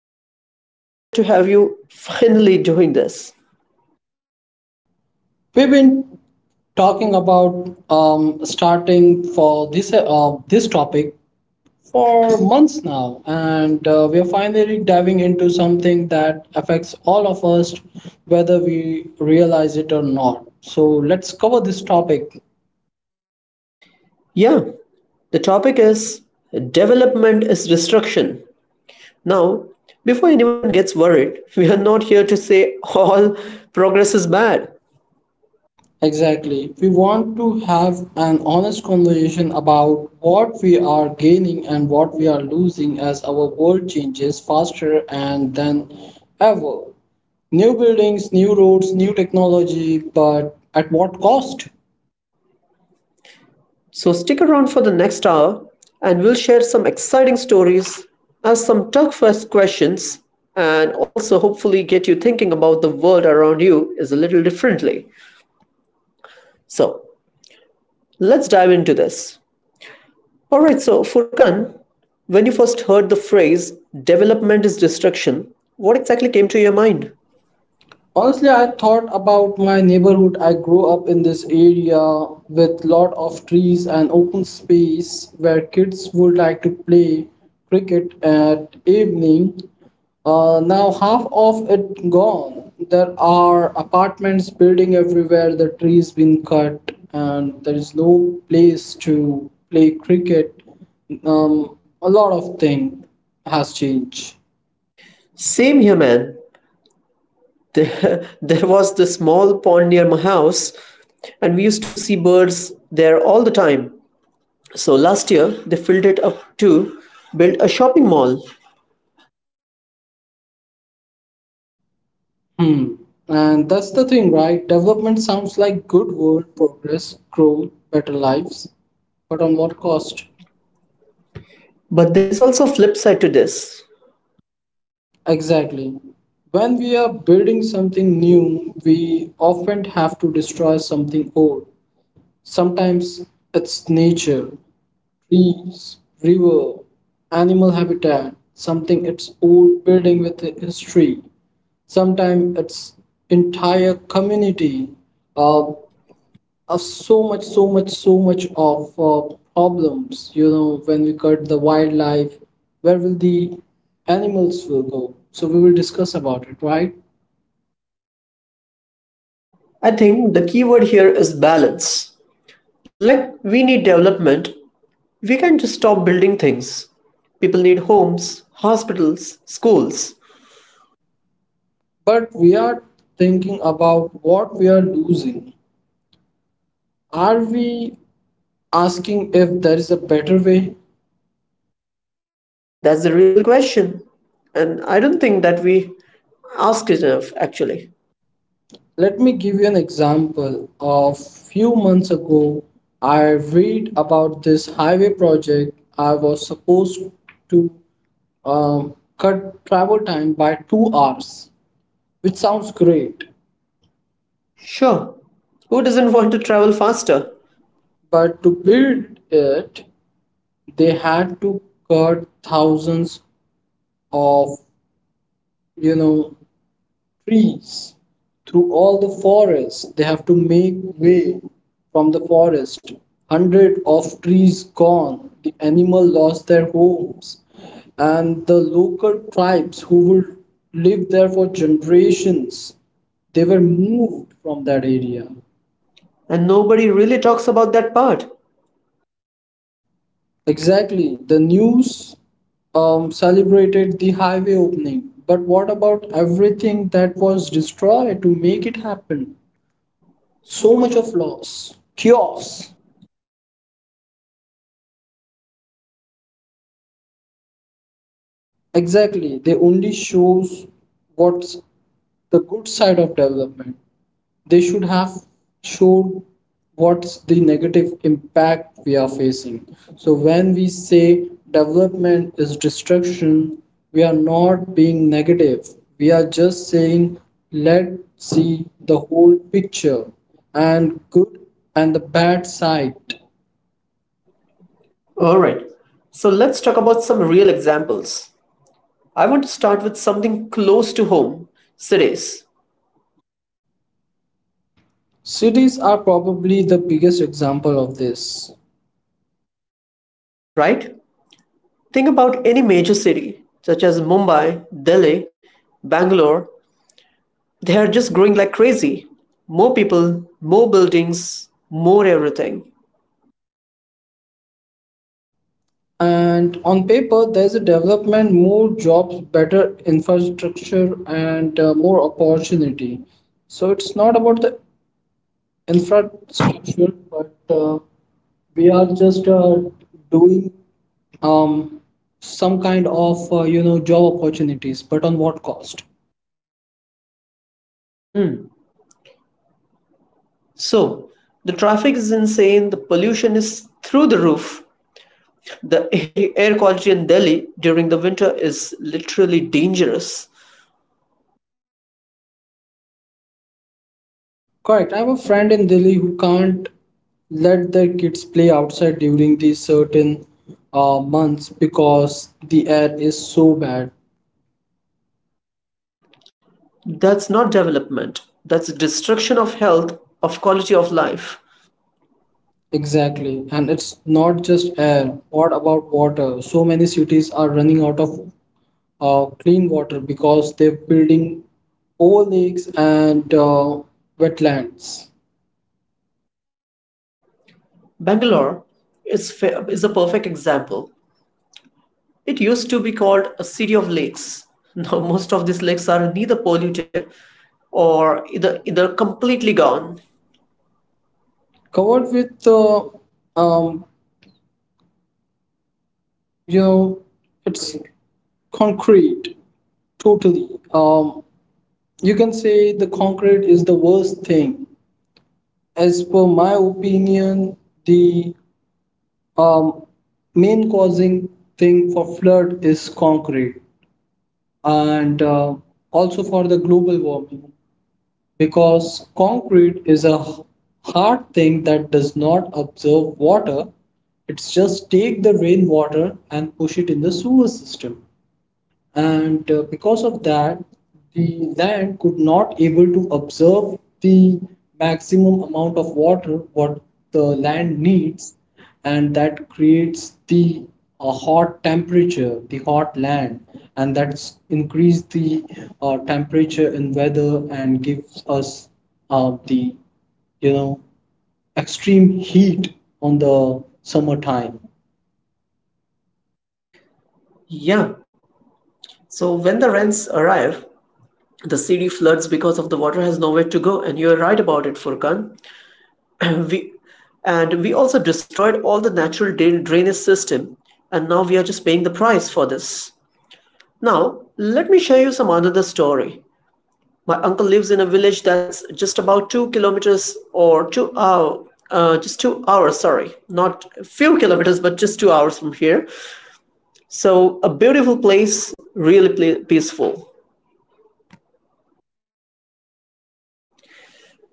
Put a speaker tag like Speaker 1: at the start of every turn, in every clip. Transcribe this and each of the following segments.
Speaker 1: We are super excited to have you finally doing this.
Speaker 2: We've been talking about starting for this this topic for months now, and we are finally diving into something that affects all of us, whether we realize it or not. So let's cover this topic.
Speaker 1: Yeah, the topic is development is destruction. Now, before anyone gets worried, we are not here to say all progress is bad.
Speaker 2: Exactly. We want to have an honest conversation about what we are gaining and what we are losing as our world changes faster and than ever. New buildings, new roads, new technology, but at what cost?
Speaker 1: So stick around for the next hour and we'll share some exciting stories, ask some tough questions, and also hopefully get you thinking about the world around you is a little differently. So let's dive into this. All right, so Furkan, when you first heard the phrase development is destruction, what exactly came to your mind?
Speaker 2: Honestly, I thought about my neighborhood. I grew up in this area with lot of trees and open space where kids would like to play cricket at evening. Now half of it gone. There are apartments building everywhere. The trees been cut, and there is no place to play cricket. A lot of thing has changed.
Speaker 1: Same here, man. There, there was this small pond near my house, and we used to see birds there all the time. So last year, they filled it up to build a shopping mall.
Speaker 2: Hmm. And that's the thing, right? Development sounds like good world progress, growth, better lives, but on what cost?
Speaker 1: But there is also a flip side to this.
Speaker 2: Exactly. When we are building something new, we often have to destroy something old. Sometimes it's nature, trees, river, animal habitat, something it's old building with a history, sometimes it's entire community, uh, so much, so much, so much of problems. You know, when we cut the wildlife, where will the animals will go? So we will discuss about it, right?
Speaker 1: I think the key word here is balance. Like we need development, we can't just stop building things. People need homes, hospitals, schools.
Speaker 2: But we are thinking about what we are losing. Are we asking if there is a better way?
Speaker 1: That's the real question. And I don't think that we ask it enough, actually.
Speaker 2: Let me give you an example. Of few months ago, I read about this highway project. I was supposed to cut travel time by 2 hours, which sounds great.
Speaker 1: Sure, who doesn't want to travel faster?
Speaker 2: But to build it, they had to cut thousands of, you know, trees through all the forest. They have to make way from the forest. Hundred of trees gone. The animal lost their homes, and the local tribes who would live there for generations, they were moved from that area.
Speaker 1: And nobody really talks about that part.
Speaker 2: Exactly. The news celebrated the highway opening. But what about everything that was destroyed to make it happen? So much of loss, chaos. Exactly. They only shows what's the good side of development. They should have showed what's the negative impact we are facing, so when we say development is destruction, we are not being negative, we are just saying let's see the whole picture, and good and the bad side.
Speaker 1: Alright, so let's talk about some real examples. I want to start with something close to home cities,
Speaker 2: Cities are probably the biggest example of this.
Speaker 1: right? Think about any major city, such as Mumbai, Delhi, Bangalore. They are just growing like crazy. More people, more buildings, more everything.
Speaker 2: And on paper, there's a development, more jobs, better infrastructure, and more opportunity. So it's not about the infrastructure, but we are just doing um, some kind of you know, job opportunities, but on what cost?
Speaker 1: So the traffic is insane, the pollution is through the roof. The air quality in Delhi during the winter is literally dangerous.
Speaker 2: Correct. I have a friend in Delhi who can't let their kids play outside during these certain months because the air is so bad.
Speaker 1: That's not development, that's destruction of health, of quality of life.
Speaker 2: Exactly. And it's not just air. What about water? So many cities are running out of clean water because they're building old lakes and wetlands
Speaker 1: Bangalore is a perfect example. It used to be called a city of lakes. Now, most of these lakes are neither polluted or either completely gone.
Speaker 2: covered with, um, you know, it's concrete totally. Um, you can say the concrete is the worst thing. As per my opinion, the um, main causing thing for flood is concrete, and also for the global warming, because concrete is a hard thing that does not absorb water. It's just take the rainwater and push it in the sewer system, and because of that the land could not able to absorb the maximum amount of water what the land needs, and that creates the a hot temperature, the hot land, and that's increase the temperature in weather and gives us the, you know, extreme heat on the summertime.
Speaker 1: Yeah. So when the rains arrive, the city floods because of the water has nowhere to go, and you're right about it, Furkan. we we also destroyed all the natural drainage system, and now we are just paying the price for this. Now let me share you some another story. My uncle lives in a village that's just about 2 kilometers or 2 hour, just 2 hours, sorry. Not a few kilometers, but just 2 hours from here. So a beautiful place, really peaceful.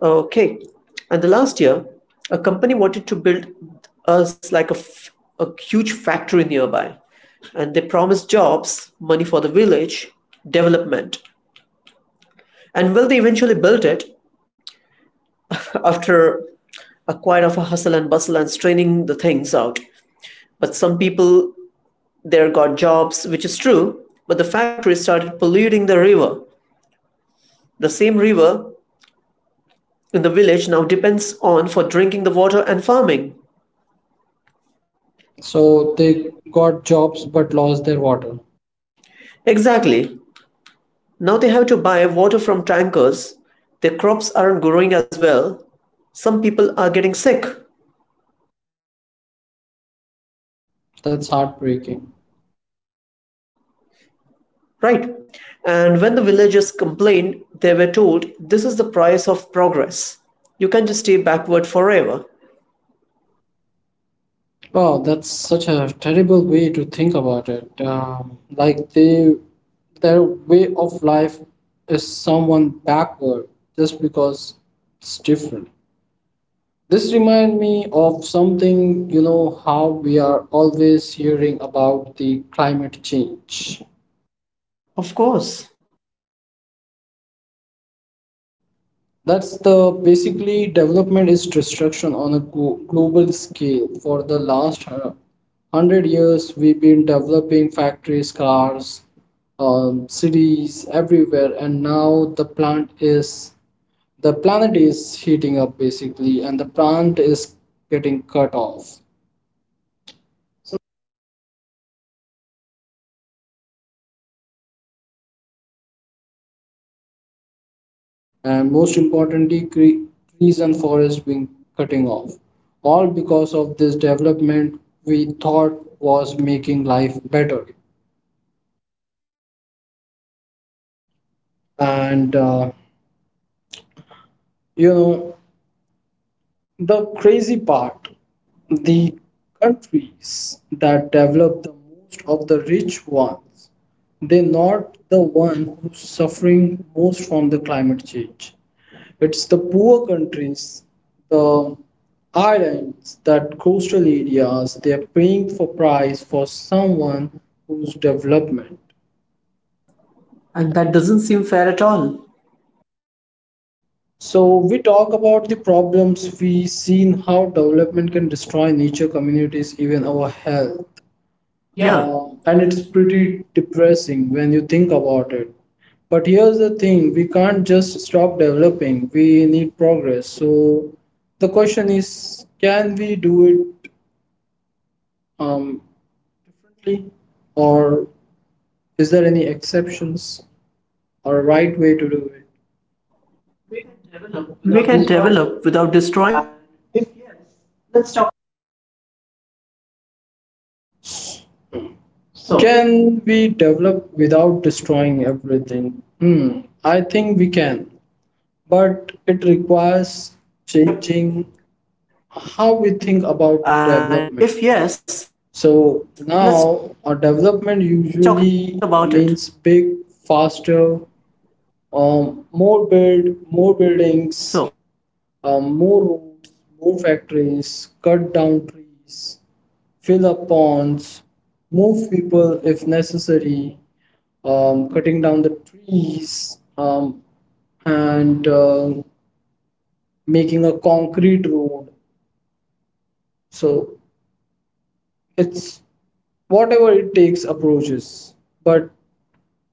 Speaker 1: Okay. And the last year, a company wanted to build us like a huge factory nearby. And they promised jobs, money for the village, development. And well, they eventually built it after a quite of a hustle and bustle and straining the things out. But some people there got jobs, which is true. But the factory started polluting the river. The same river in the village now depends on for drinking the water and farming.
Speaker 2: So they got jobs but lost their water.
Speaker 1: Exactly. Now they have to buy water from tankers. Their crops aren't growing as well. Some people are getting sick,
Speaker 2: That's heartbreaking.
Speaker 1: right? And when the villagers complained, they were told this is the price of progress. You can just stay backward forever.
Speaker 2: Wow, that's such a terrible way to think about it. Like they, their way of life is someone backward just because it's different. This reminds me of something, you know, how we are always hearing about the climate change.
Speaker 1: Of course.
Speaker 2: That's the basically development is destruction on a global scale. For the last 100 years, we've been developing factories, cars, cities everywhere, and now the planet is heating up basically, and the plant is getting cut off,
Speaker 1: So we have here glaciers melting, weather patterns changing, islands disappearing,
Speaker 2: and most importantly, trees and forests being cutting off, all because of this development we thought was making life better. And you know, the crazy part, the countries that develop the most of the rich ones, they're not the one who's suffering most from the climate change. It's the poor countries, the islands, that coastal areas, they're paying for price for someone whose development.
Speaker 1: and that doesn't seem fair at all.
Speaker 2: So we talk about the problems, we seen how development can destroy nature, communities, even our health. Yeah.
Speaker 1: Yeah,
Speaker 2: And it's pretty depressing when you think about it. But here's the thing, we can't just stop developing. We need progress. So the question is, can we do it um, differently, or is there any exceptions or a right way to do it? We can develop
Speaker 1: we
Speaker 2: without
Speaker 1: can
Speaker 2: destroying.
Speaker 1: develop without
Speaker 2: And
Speaker 1: destroying?
Speaker 2: if yes,
Speaker 1: And if
Speaker 2: let's.
Speaker 1: yes, let's talk about it.
Speaker 2: So, can we
Speaker 1: So,
Speaker 2: develop without destroying everything? Hmm, I think we can, but it requires changing how we think about development. So now, a development usually means big, faster, more build, more buildings, more roads, more factories, cut down trees, fill up ponds, move people if necessary, cutting down the trees, and making a concrete road. So it's whatever it takes approaches. But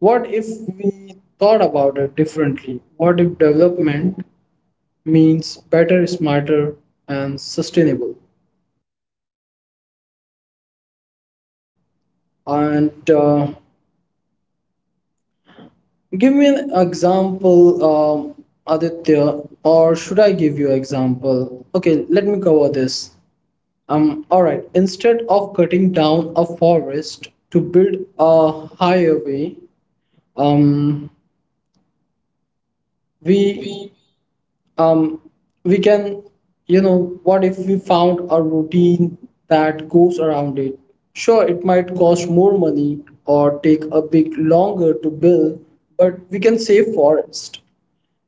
Speaker 2: what if we thought about it differently? What if development means better, smarter, and sustainable? And give me an example, Aditya, or should I give you example? Okay, let me cover this. All right. Instead of cutting down a forest to build a highway, um, we um we can, you know, what if we found a routine that goes around it? Sure, it might cost more money or take a bit longer to build, but we can save forest.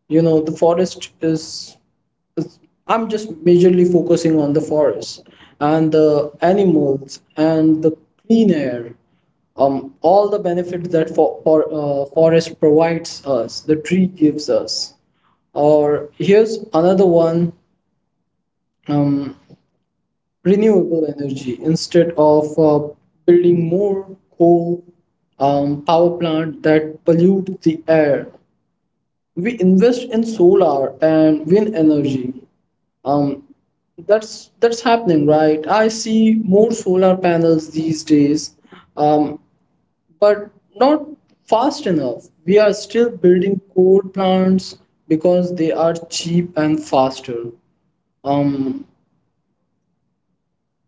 Speaker 2: You know, the forest is I'm just majorly focusing on the forest and the animals and the clean air, all the benefits that forest provides us, the tree gives us. Or here's another one, um, renewable energy. Instead of building more coal power plant that pollute the air, we invest in solar and wind energy. um that's happening, right? I see more solar panels these days. Um but not fast enough. We are still building coal plants because they are cheap and faster. Um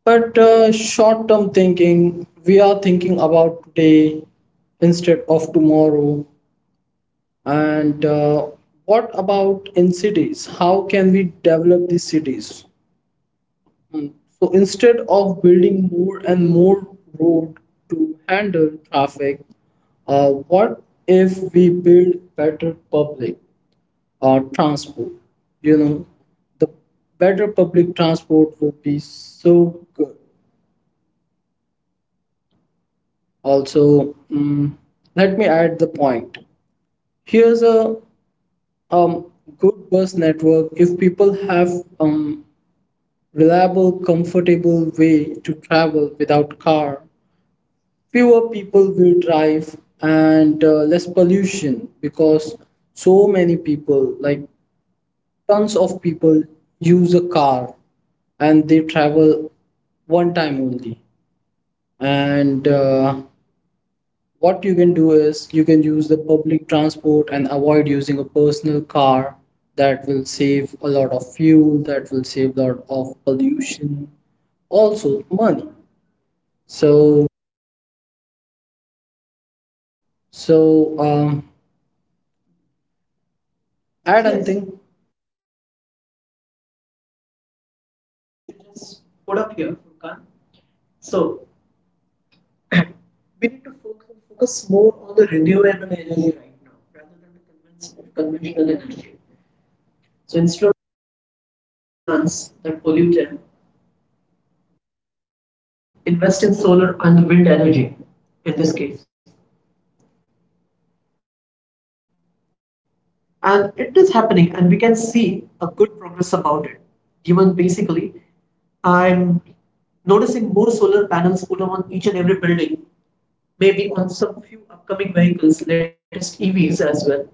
Speaker 2: but Short term thinking, we are thinking about today instead of tomorrow. And what about in cities? How can we develop these cities? Mm, so instead of building more and more road to handle traffic, what if we build better public transport? You know, the better public transport will be so good. Also, mm, let me add the point. Here's a um, good bus network. If people have um, reliable, comfortable way to travel without car. Fewer people will drive and less pollution because so many people, like tons of people, use a car and they travel one time only. And what you can do is you can use the public transport and avoid using a personal car. That will save a lot of fuel, that will save a lot of pollution, also money. So, so,
Speaker 1: I
Speaker 2: add.
Speaker 1: don't.
Speaker 2: Yes.
Speaker 1: Yes.
Speaker 2: Anything.
Speaker 1: So that's a really good point you
Speaker 2: Which
Speaker 1: which
Speaker 2: you
Speaker 1: you
Speaker 2: just
Speaker 1: just
Speaker 2: put
Speaker 1: put up
Speaker 2: up
Speaker 1: here,
Speaker 2: here, Furkan.
Speaker 1: Furkan.
Speaker 2: So
Speaker 1: So we
Speaker 2: we
Speaker 1: need
Speaker 2: need
Speaker 1: to
Speaker 2: to
Speaker 1: focus
Speaker 2: focus
Speaker 1: focus
Speaker 2: more
Speaker 1: more on
Speaker 2: on the
Speaker 1: the
Speaker 2: renewable
Speaker 1: renewable
Speaker 2: energy
Speaker 1: energy
Speaker 2: right
Speaker 1: right
Speaker 2: now
Speaker 1: now rather
Speaker 2: rather than
Speaker 1: than the
Speaker 2: the conventional,
Speaker 1: conventional
Speaker 2: conventional energy.
Speaker 1: energy.
Speaker 2: So
Speaker 1: So
Speaker 2: instead
Speaker 1: instead
Speaker 2: of
Speaker 1: of building more coal power
Speaker 2: power
Speaker 1: plants
Speaker 2: plants
Speaker 1: that
Speaker 2: that
Speaker 1: pollute
Speaker 2: pollute air,
Speaker 1: air, we invest
Speaker 2: invest
Speaker 1: in
Speaker 2: in solar
Speaker 1: solar and
Speaker 2: and
Speaker 1: wind
Speaker 2: wind
Speaker 1: energy
Speaker 2: energy
Speaker 1: in this
Speaker 2: in this
Speaker 1: case.
Speaker 2: case. And it is
Speaker 1: And it is
Speaker 2: happening, and we
Speaker 1: happening,
Speaker 2: can
Speaker 1: and we can
Speaker 2: see
Speaker 1: see
Speaker 2: a
Speaker 1: a
Speaker 2: good
Speaker 1: good
Speaker 2: progress
Speaker 1: progress
Speaker 2: about
Speaker 1: about
Speaker 2: it.
Speaker 1: it.
Speaker 2: Given
Speaker 1: Given basically,
Speaker 2: basically,
Speaker 1: I'm
Speaker 2: I'm noticing
Speaker 1: noticing more
Speaker 2: more
Speaker 1: solar
Speaker 2: solar
Speaker 1: panels
Speaker 2: panels put
Speaker 1: put up
Speaker 2: on
Speaker 1: on
Speaker 2: each
Speaker 1: each
Speaker 2: and
Speaker 1: and every
Speaker 2: every
Speaker 1: building,
Speaker 2: building,
Speaker 1: maybe
Speaker 2: maybe
Speaker 1: on
Speaker 2: on
Speaker 1: some
Speaker 2: some few
Speaker 1: few upcoming
Speaker 2: upcoming
Speaker 1: vehicles,
Speaker 2: vehicles,
Speaker 1: latest
Speaker 2: latest
Speaker 1: EVs
Speaker 2: EVs
Speaker 1: as
Speaker 2: as
Speaker 1: well.
Speaker 2: well.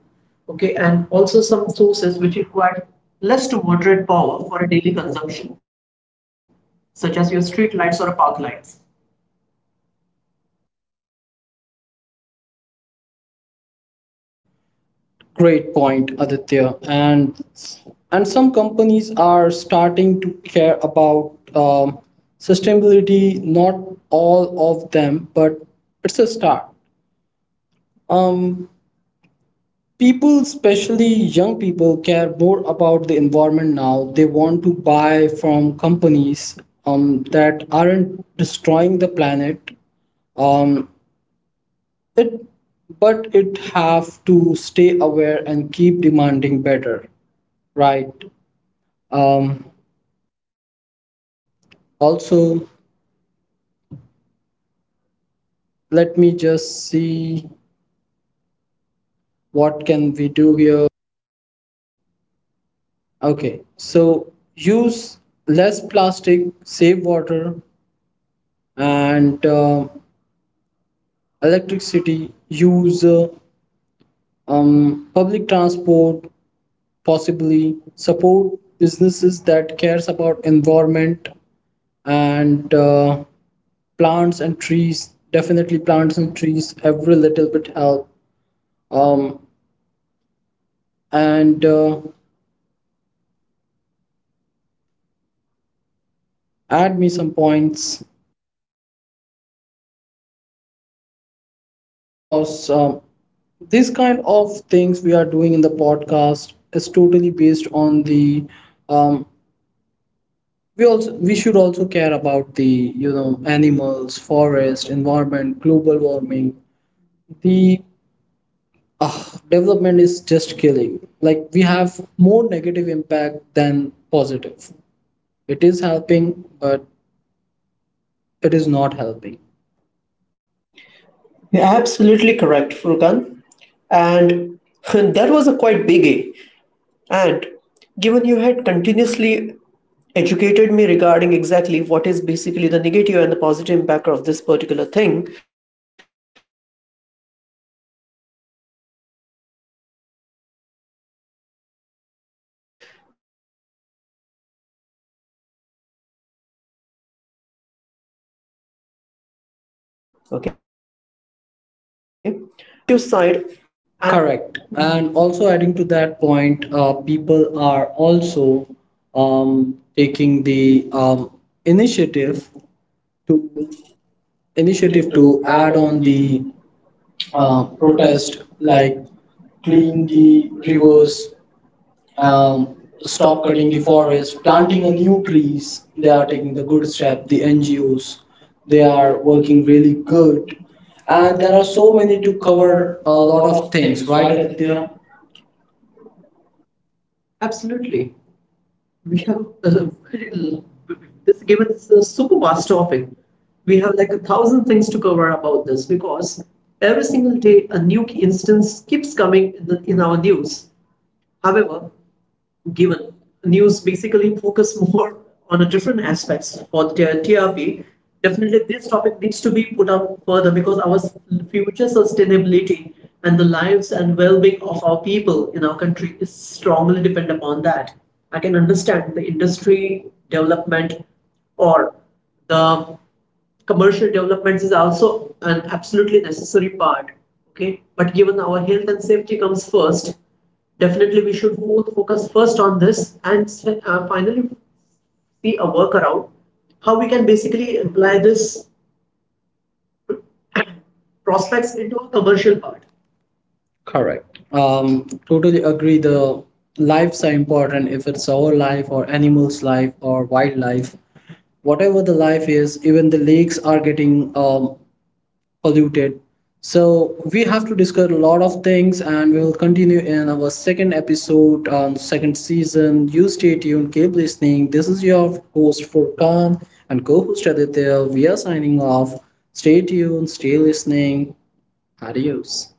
Speaker 1: Okay,
Speaker 2: Okay,
Speaker 1: and
Speaker 2: and
Speaker 1: also
Speaker 2: also some
Speaker 1: some
Speaker 2: sources
Speaker 1: sources
Speaker 2: which
Speaker 1: which
Speaker 2: required
Speaker 1: require
Speaker 2: less
Speaker 1: less to
Speaker 2: to
Speaker 1: moderate
Speaker 2: moderate
Speaker 1: power
Speaker 2: power
Speaker 1: for
Speaker 2: for a
Speaker 1: a
Speaker 2: daily
Speaker 1: daily
Speaker 2: consumption,
Speaker 1: consumption,
Speaker 2: such
Speaker 1: such
Speaker 2: as
Speaker 1: as
Speaker 2: your
Speaker 1: your
Speaker 2: street
Speaker 1: street
Speaker 2: lights
Speaker 1: lights
Speaker 2: or
Speaker 1: or
Speaker 2: park
Speaker 1: park
Speaker 2: lights.
Speaker 1: lights.
Speaker 2: Great point, Aditya. And some companies are starting to care about sustainability. Not all of them, but it's a start. Um, people especially young people care more about the environment now. They want to buy from companies that aren't destroying the planet. Um, it But it have to stay aware and keep demanding better, right? um, Also, let me just see what can we do here. Okay, so use less plastic, save water and electricity, use public transport, possibly support businesses that cares about environment, and plants and trees, definitely plants and trees. Every little bit help. Um, and Add me some points, because this kind of things we are doing in the podcast is totally based on the um, we also we should also care about the, you know, animals, forest, environment, global warming. The uh, development is just killing. Like we have more negative impact than positive. It is helping, but it is not helping.
Speaker 1: You're absolutely correct, Furkan. And that was a quite biggie. And given you had continuously educated me regarding exactly what is basically the negative and the positive impact of this particular thing, okay, I would like to add that now these days on a positive side, you will see more environmental protests these days, and the people refusing to let their forests been cut down or their rivers be polluted. And correct.
Speaker 2: Correct.
Speaker 1: Mhm. And
Speaker 2: And
Speaker 1: also
Speaker 2: also
Speaker 1: adding
Speaker 2: adding
Speaker 1: to
Speaker 2: to
Speaker 1: that
Speaker 2: that
Speaker 1: point,
Speaker 2: point,
Speaker 1: people
Speaker 2: people
Speaker 1: are
Speaker 2: are
Speaker 1: also
Speaker 2: also
Speaker 1: taking
Speaker 2: taking
Speaker 1: the
Speaker 2: the
Speaker 1: initiative
Speaker 2: initiative to,
Speaker 1: to
Speaker 2: initiative to
Speaker 1: add
Speaker 2: add
Speaker 1: on
Speaker 2: on
Speaker 1: the
Speaker 2: the
Speaker 1: protest,
Speaker 2: protest, like
Speaker 1: like clean
Speaker 2: clean
Speaker 1: the
Speaker 2: the
Speaker 1: rivers,
Speaker 2: rivers,
Speaker 1: um,
Speaker 2: um,
Speaker 1: stop
Speaker 2: stop
Speaker 1: cutting
Speaker 2: cutting
Speaker 1: the
Speaker 2: the
Speaker 1: forest,
Speaker 2: forest,
Speaker 1: planting
Speaker 2: planting
Speaker 1: a
Speaker 2: a
Speaker 1: new
Speaker 2: new
Speaker 1: trees.
Speaker 2: trees.
Speaker 1: They
Speaker 2: They
Speaker 1: are
Speaker 2: are
Speaker 1: taking
Speaker 2: taking
Speaker 1: the
Speaker 2: the
Speaker 1: good
Speaker 2: good step.
Speaker 1: step.
Speaker 2: The
Speaker 1: The
Speaker 2: NGOs,
Speaker 1: NGOs, they
Speaker 2: they
Speaker 1: are
Speaker 2: are
Speaker 1: working
Speaker 2: working really
Speaker 1: really good,
Speaker 2: good,
Speaker 1: and
Speaker 2: and
Speaker 1: there
Speaker 2: there
Speaker 1: are
Speaker 2: are
Speaker 1: so
Speaker 2: so
Speaker 1: many
Speaker 2: many to
Speaker 1: to cover
Speaker 2: cover
Speaker 1: a
Speaker 2: a
Speaker 1: lot
Speaker 2: lot of
Speaker 1: of things.
Speaker 2: things,
Speaker 1: Right,
Speaker 2: right,
Speaker 1: Aditya?
Speaker 2: Aditya? Absolutely. We have very l- this, given it's a super vast topic, we have like a 1,000 things to cover about this, because every single day a new instance keeps coming in, the, in our news. However, given. News basically focus more on a different aspects for the TRP. Definitely, this topic needs to be put up further because our future sustainability and the lives and well-being of our people in our country is strongly dependent upon that. I can understand the industry development or the commercial developments is also an absolutely necessary part. Okay, but given our health and safety comes first. Definitely, we should both focus first on this and finally see a workaround how we can basically apply this prospects into a commercial part. Correct. Totally agree. The lives are important, if it's our life or animals' life or wildlife. Whatever the life is, even the lakes are getting polluted, so we have to discuss a lot of things, and we will continue in our second episode on second season. You stay tuned, keep listening. This is your host Furkan and co-host Aditya. We are signing off. Stay tuned, stay listening. Adios.